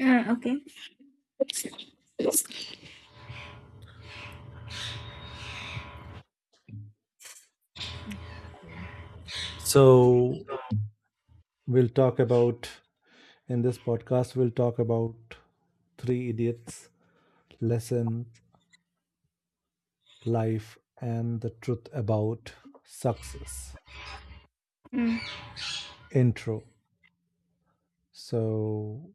Ah, okay. So we'll talk about in this podcast we'll talk about three idiots, lessons, life, and the truth about success. Mm. Intro. So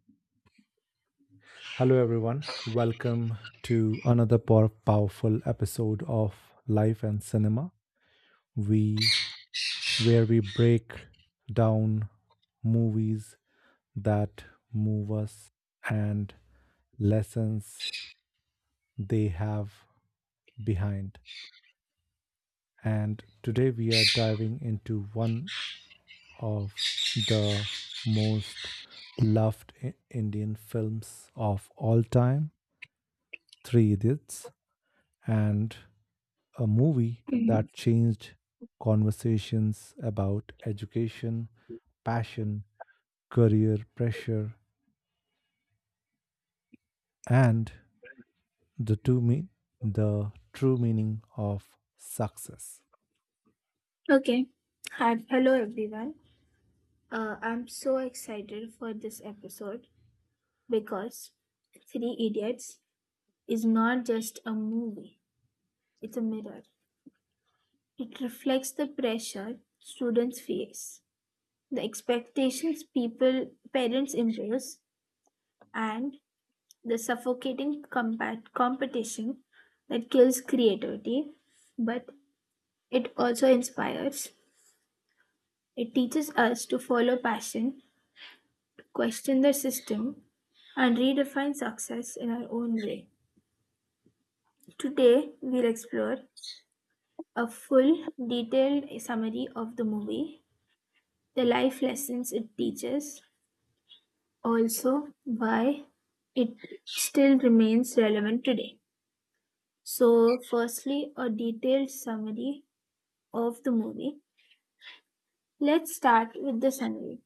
hello everyone. Welcome to another powerful episode of Life and Cinema. We where we break down movies that move us and lessons they have behind. And today we are diving into one of the most loved Indian films of all time, Three Idiots, and a movie Mhm. that changed conversations about education, passion, career pressure, and the two mean the true meaning of success. Okay. Hi, hello everyone. I'm so excited for this episode because Three Idiots is not just a movie, it's a mirror. It reflects the pressure students face, the expectations people parents impose, and the suffocating competition that kills creativity, but it also inspires. It teaches us to follow passion, to question the system, and redefine success in our own way. Today, we'll explore a full, detailed summary of the movie, the life lessons it teaches, also why it still remains relevant today. So, firstly, a detailed summary of the movie. Let's start with the summary.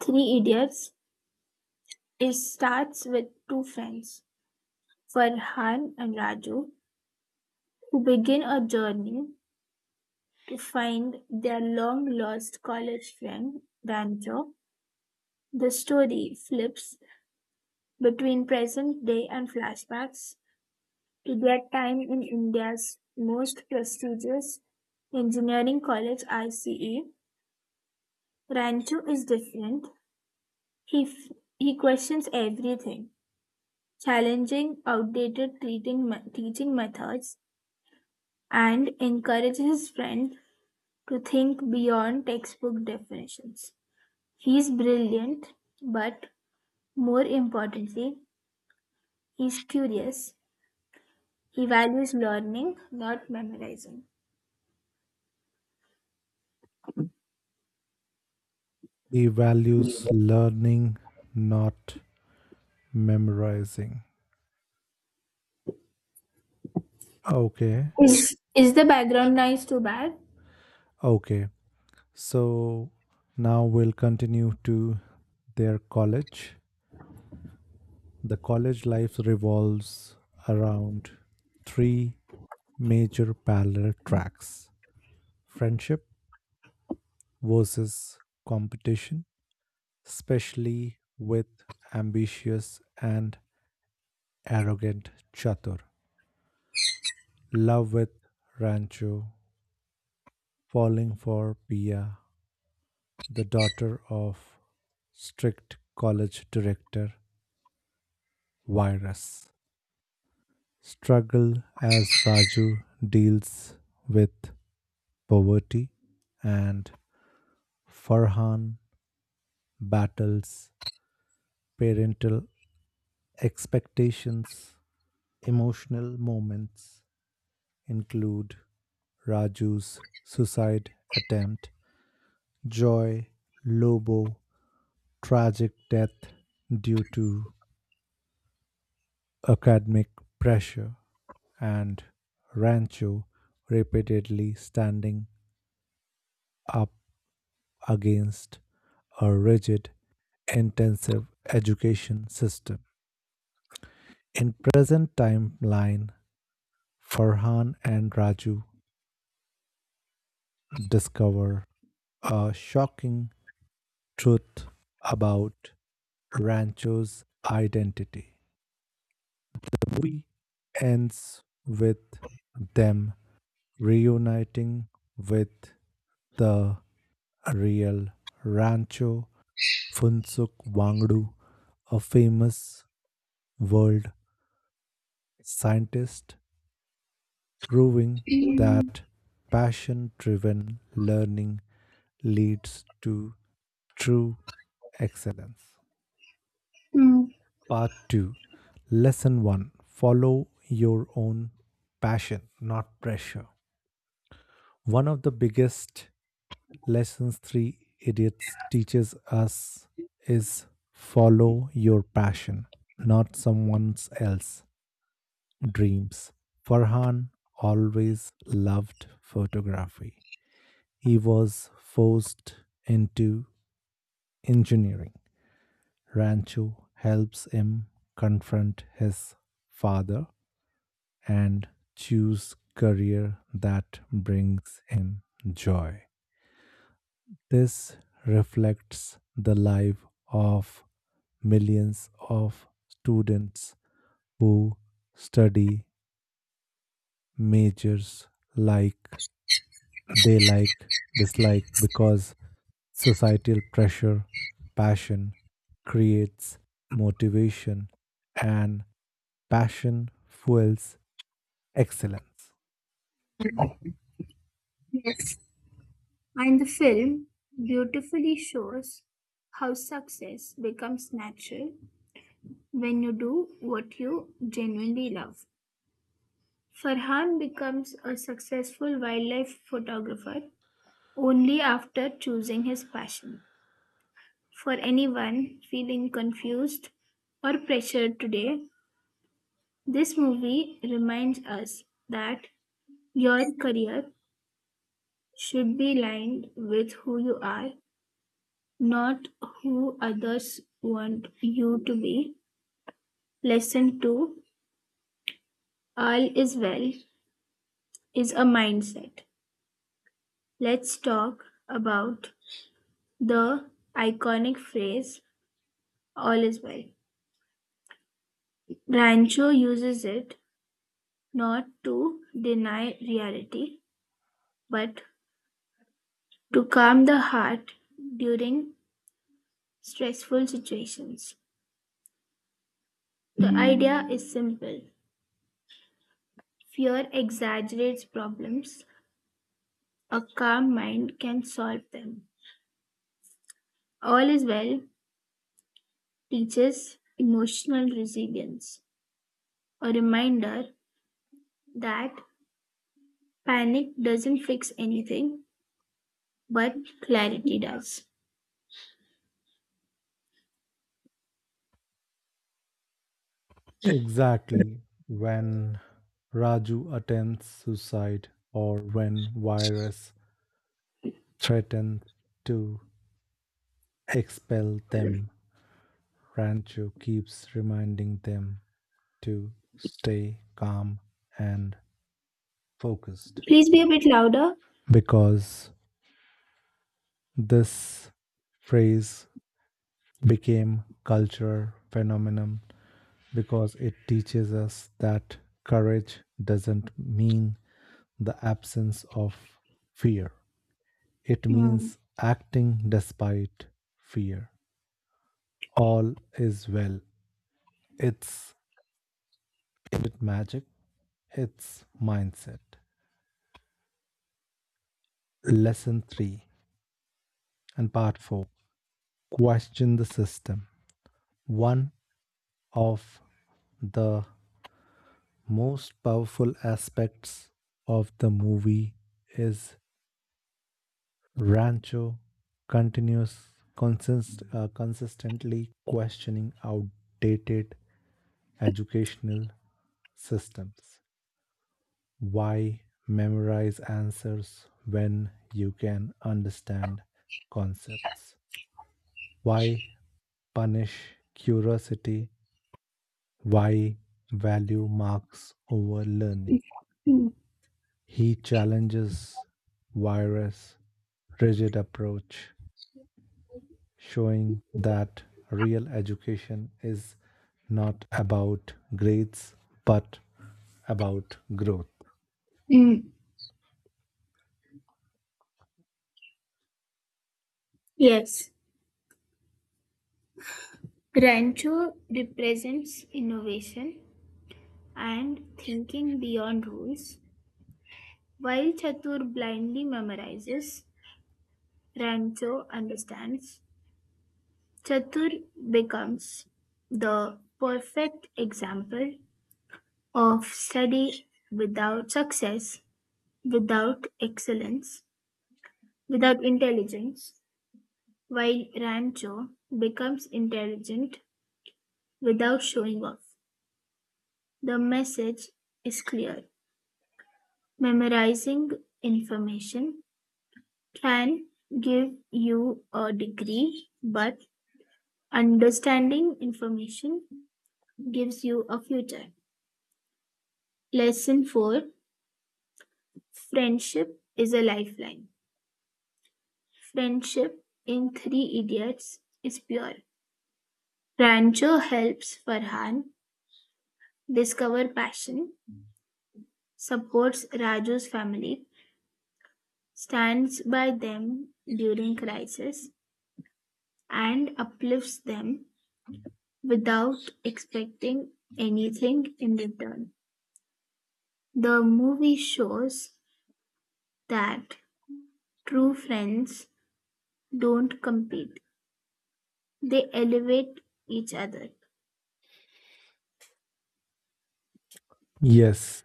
Three Idiots is starts with two friends Farhan and Raju, who begin a journey to find their long lost college friend Rancho. The story flips between present day and flashbacks to their time in India's most prestigious engineering college, ICE. Rancho is different. He, f- he questions everything, challenging outdated teaching methods, and encourages his friend to think beyond textbook definitions. He's brilliant, but more importantly, he's curious. He values learning, not memorizing. He values learning, not memorizing. Okay, Is the background noise too bad? okay. So now we'll continue to their college. The college life revolves around three major parallel tracks: friendship versus competition, especially with ambitious and arrogant Chatur; love, with Rancho falling for Pia, the daughter of strict college director virus; struggle, as Raju deals with poverty and Farhan battles parental expectations. Emotional moments include Raju's suicide attempt, Joy Lobo tragic death due to academic pressure, and Rancho repeatedly standing up against a rigid, intensive education system. In present timeline, Farhan and Raju discover a shocking truth about Rancho's identity. The movie ends with them reuniting with the real Rancho, Funsuk Wangdu, a famous world scientist, proving Mm, that passion driven learning leads to true excellence. Part 2, Lesson 1: Follow your own passion, not pressure. One of the biggest lessons three idiots teaches us is follow your passion, not someone else's dreams. Farhan always loved photography. He was forced into engineering. Rancho helps him confront his father and choose career that brings him joy. This reflects the life of millions of students who study majors like they like, dislike because societal pressure, passion creates motivation, and passion fuels excellence. yes. And the film beautifully shows how success becomes natural when you do what you genuinely love. Farhan becomes a successful wildlife photographer only after choosing his passion. For anyone feeling confused or pressured today, this movie reminds us that your career should be aligned with who you are, not who others want you to be. Lesson 2: all is well is a mindset. Let's talk about the iconic phrase all is well. Rancho uses it not to deny reality, but to calm the heart during stressful situations. The idea is simple. Fear exaggerates problems, a calm mind can solve them. All is well teaches emotional resilience, a reminder that panic doesn't fix anything, but clarity does. Exactly. When Raju attempts suicide or when virus threatened to expel them, Rancho keeps reminding them to stay calm and focused, Please be a bit louder. because this phrase became cultural phenomenon because it teaches us that courage doesn't mean the absence of fear, it Mm. means acting despite fear. All is well, it's, is it magic? Its mindset. Lesson 3 and part 4: Question the system. One of the most powerful aspects of the movie is Rancho continuous consistently questioning outdated educational systems. Why memorize answers when you can understand concepts? Why punish curiosity? Why value marks over learning? Mm. He challenges virus rigid approach, showing that real education is not about grades but about growth. Mm. Yes. Rancho represents innovation and thinking beyond rules. While Chatur blindly memorizes, Rancho understands. Chatur becomes the perfect example of study without success, without excellence, without intelligence, while Rancho becomes intelligent without showing off. The message is clear. Memorizing information can give you a degree, but understanding information gives you a future. Lesson 4: friendship is a lifeline. Friendship in Three Idiots is pure. Rancho helps Farhan discover passion, supports Raju's family, stands by them during crisis, and uplifts them without expecting anything in return. The movie shows that true friends don't compete, they elevate each other. Yes,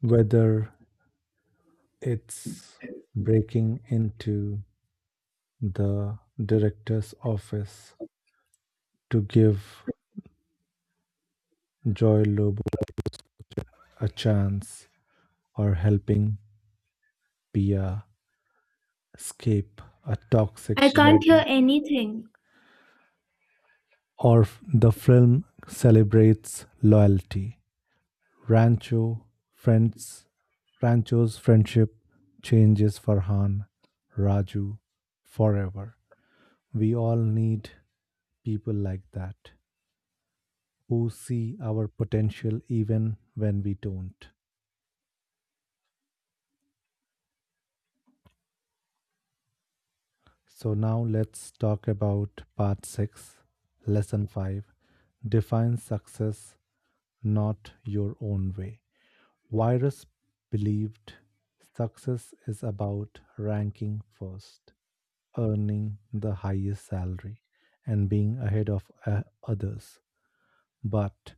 whether it's breaking into the director's office to give Joy Lobo a chance or helping Pia escape a toxic I can't hear wedding. anything. The film celebrates loyalty. Rancho friends Rancho's friendship changes Farhan, Raju forever. We all need people like that who see our potential even when we don't. So now let's talk about part 6, lesson 5: Define success not your own way. Virus believed success is about ranking first, earning the highest salary, and being ahead of others. But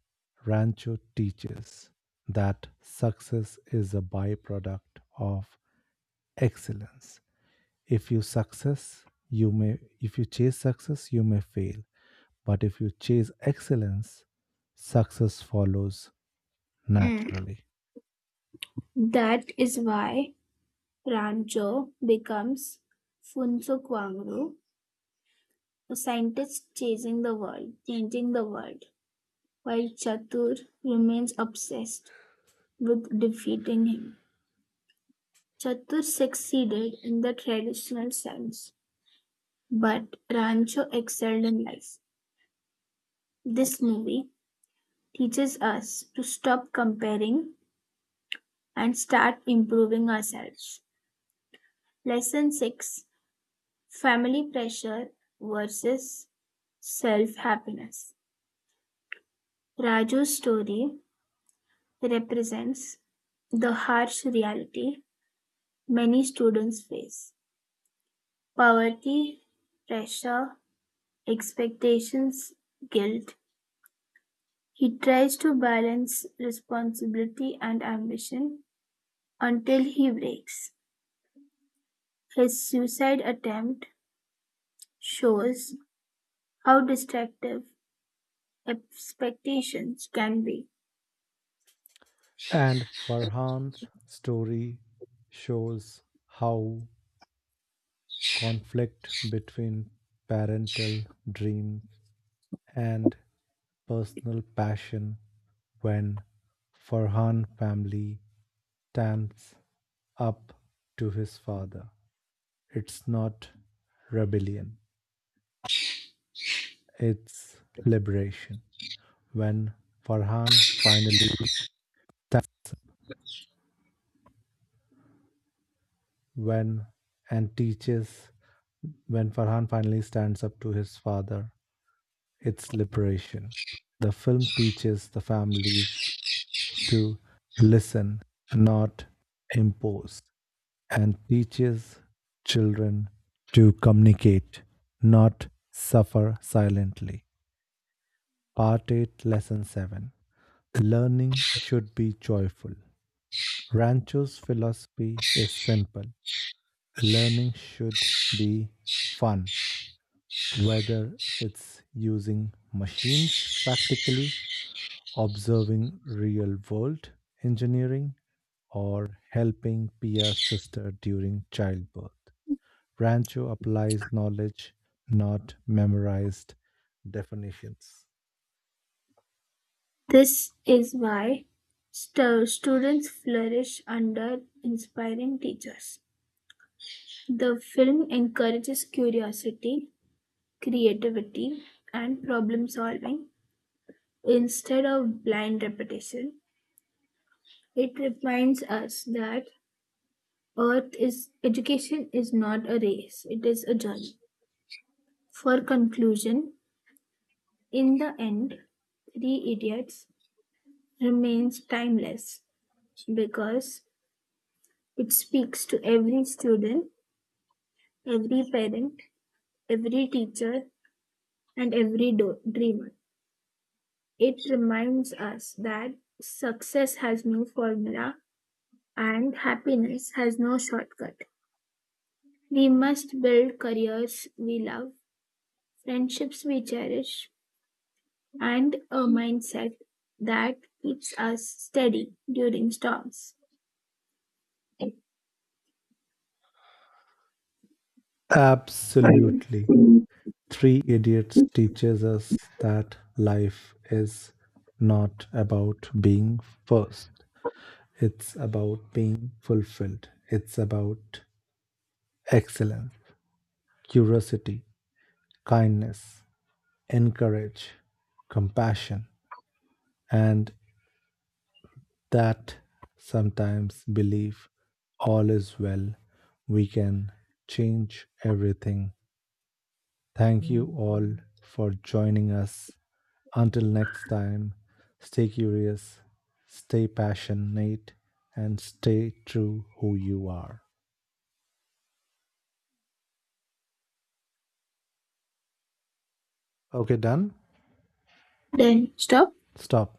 Rancho teaches that success is a byproduct of excellence. If you success you may if you chase success you may fail, but if you chase excellence success follows Mm. naturally. That is why Rancho becomes Funso Kwangru, a scientist chasing the world, changing the world, while Chatur remains obsessed with defeating him. Chatur succeeded in the traditional sense, but Rancho excelled in life. This movie teaches us to stop comparing and start improving ourselves. Lesson 6: family pressure versus self happiness. Raju's story represents the harsh reality many students face: poverty, pressure, expectations, guilt. He tries to balance responsibility and ambition until he breaks. His suicide attempt shows how destructive expectations can be. And farhan's story shows how conflict between parental dreams and personal passion. When farhan family stands up to his father, it's not rebellion, it's liberation. When Farhan finally when and teaches when Farhan finally stands up to his father, it's liberation. The film teaches the families to listen, not impose, and teaches children to communicate, not suffer silently. Part 8, Lesson 7: Learning should be joyful. Rancho's philosophy is simple: learning should be fun, whether it's using machines practically, observing real world engineering, or helping Pia's sister during childbirth. Rancho applies knowledge, not memorized definitions. This is why students flourish under inspiring teachers. The film encourages curiosity, creativity, and problem solving instead of blind repetition. It reminds us that Earth is education is not a race, it is a journey. For conclusion, in the end, Three Idiots remains timeless because it speaks to every student, every parent, every teacher, and every dreamer. It reminds us that success has no formula and happiness has no shortcut. We must build careers we love, friendships we cherish, and a mindset that keeps us steady during storms. Absolutely. Three Idiots teaches us that life is not about being first, it's about being fulfilled, it's about excellence, curiosity, kindness, encourage, compassion, and that sometimes believe all is well, we can change everything. Thank you all for joining us. Until next time, stay curious, stay passionate, and stay true who you are. Okay, done? Then stop. Stop.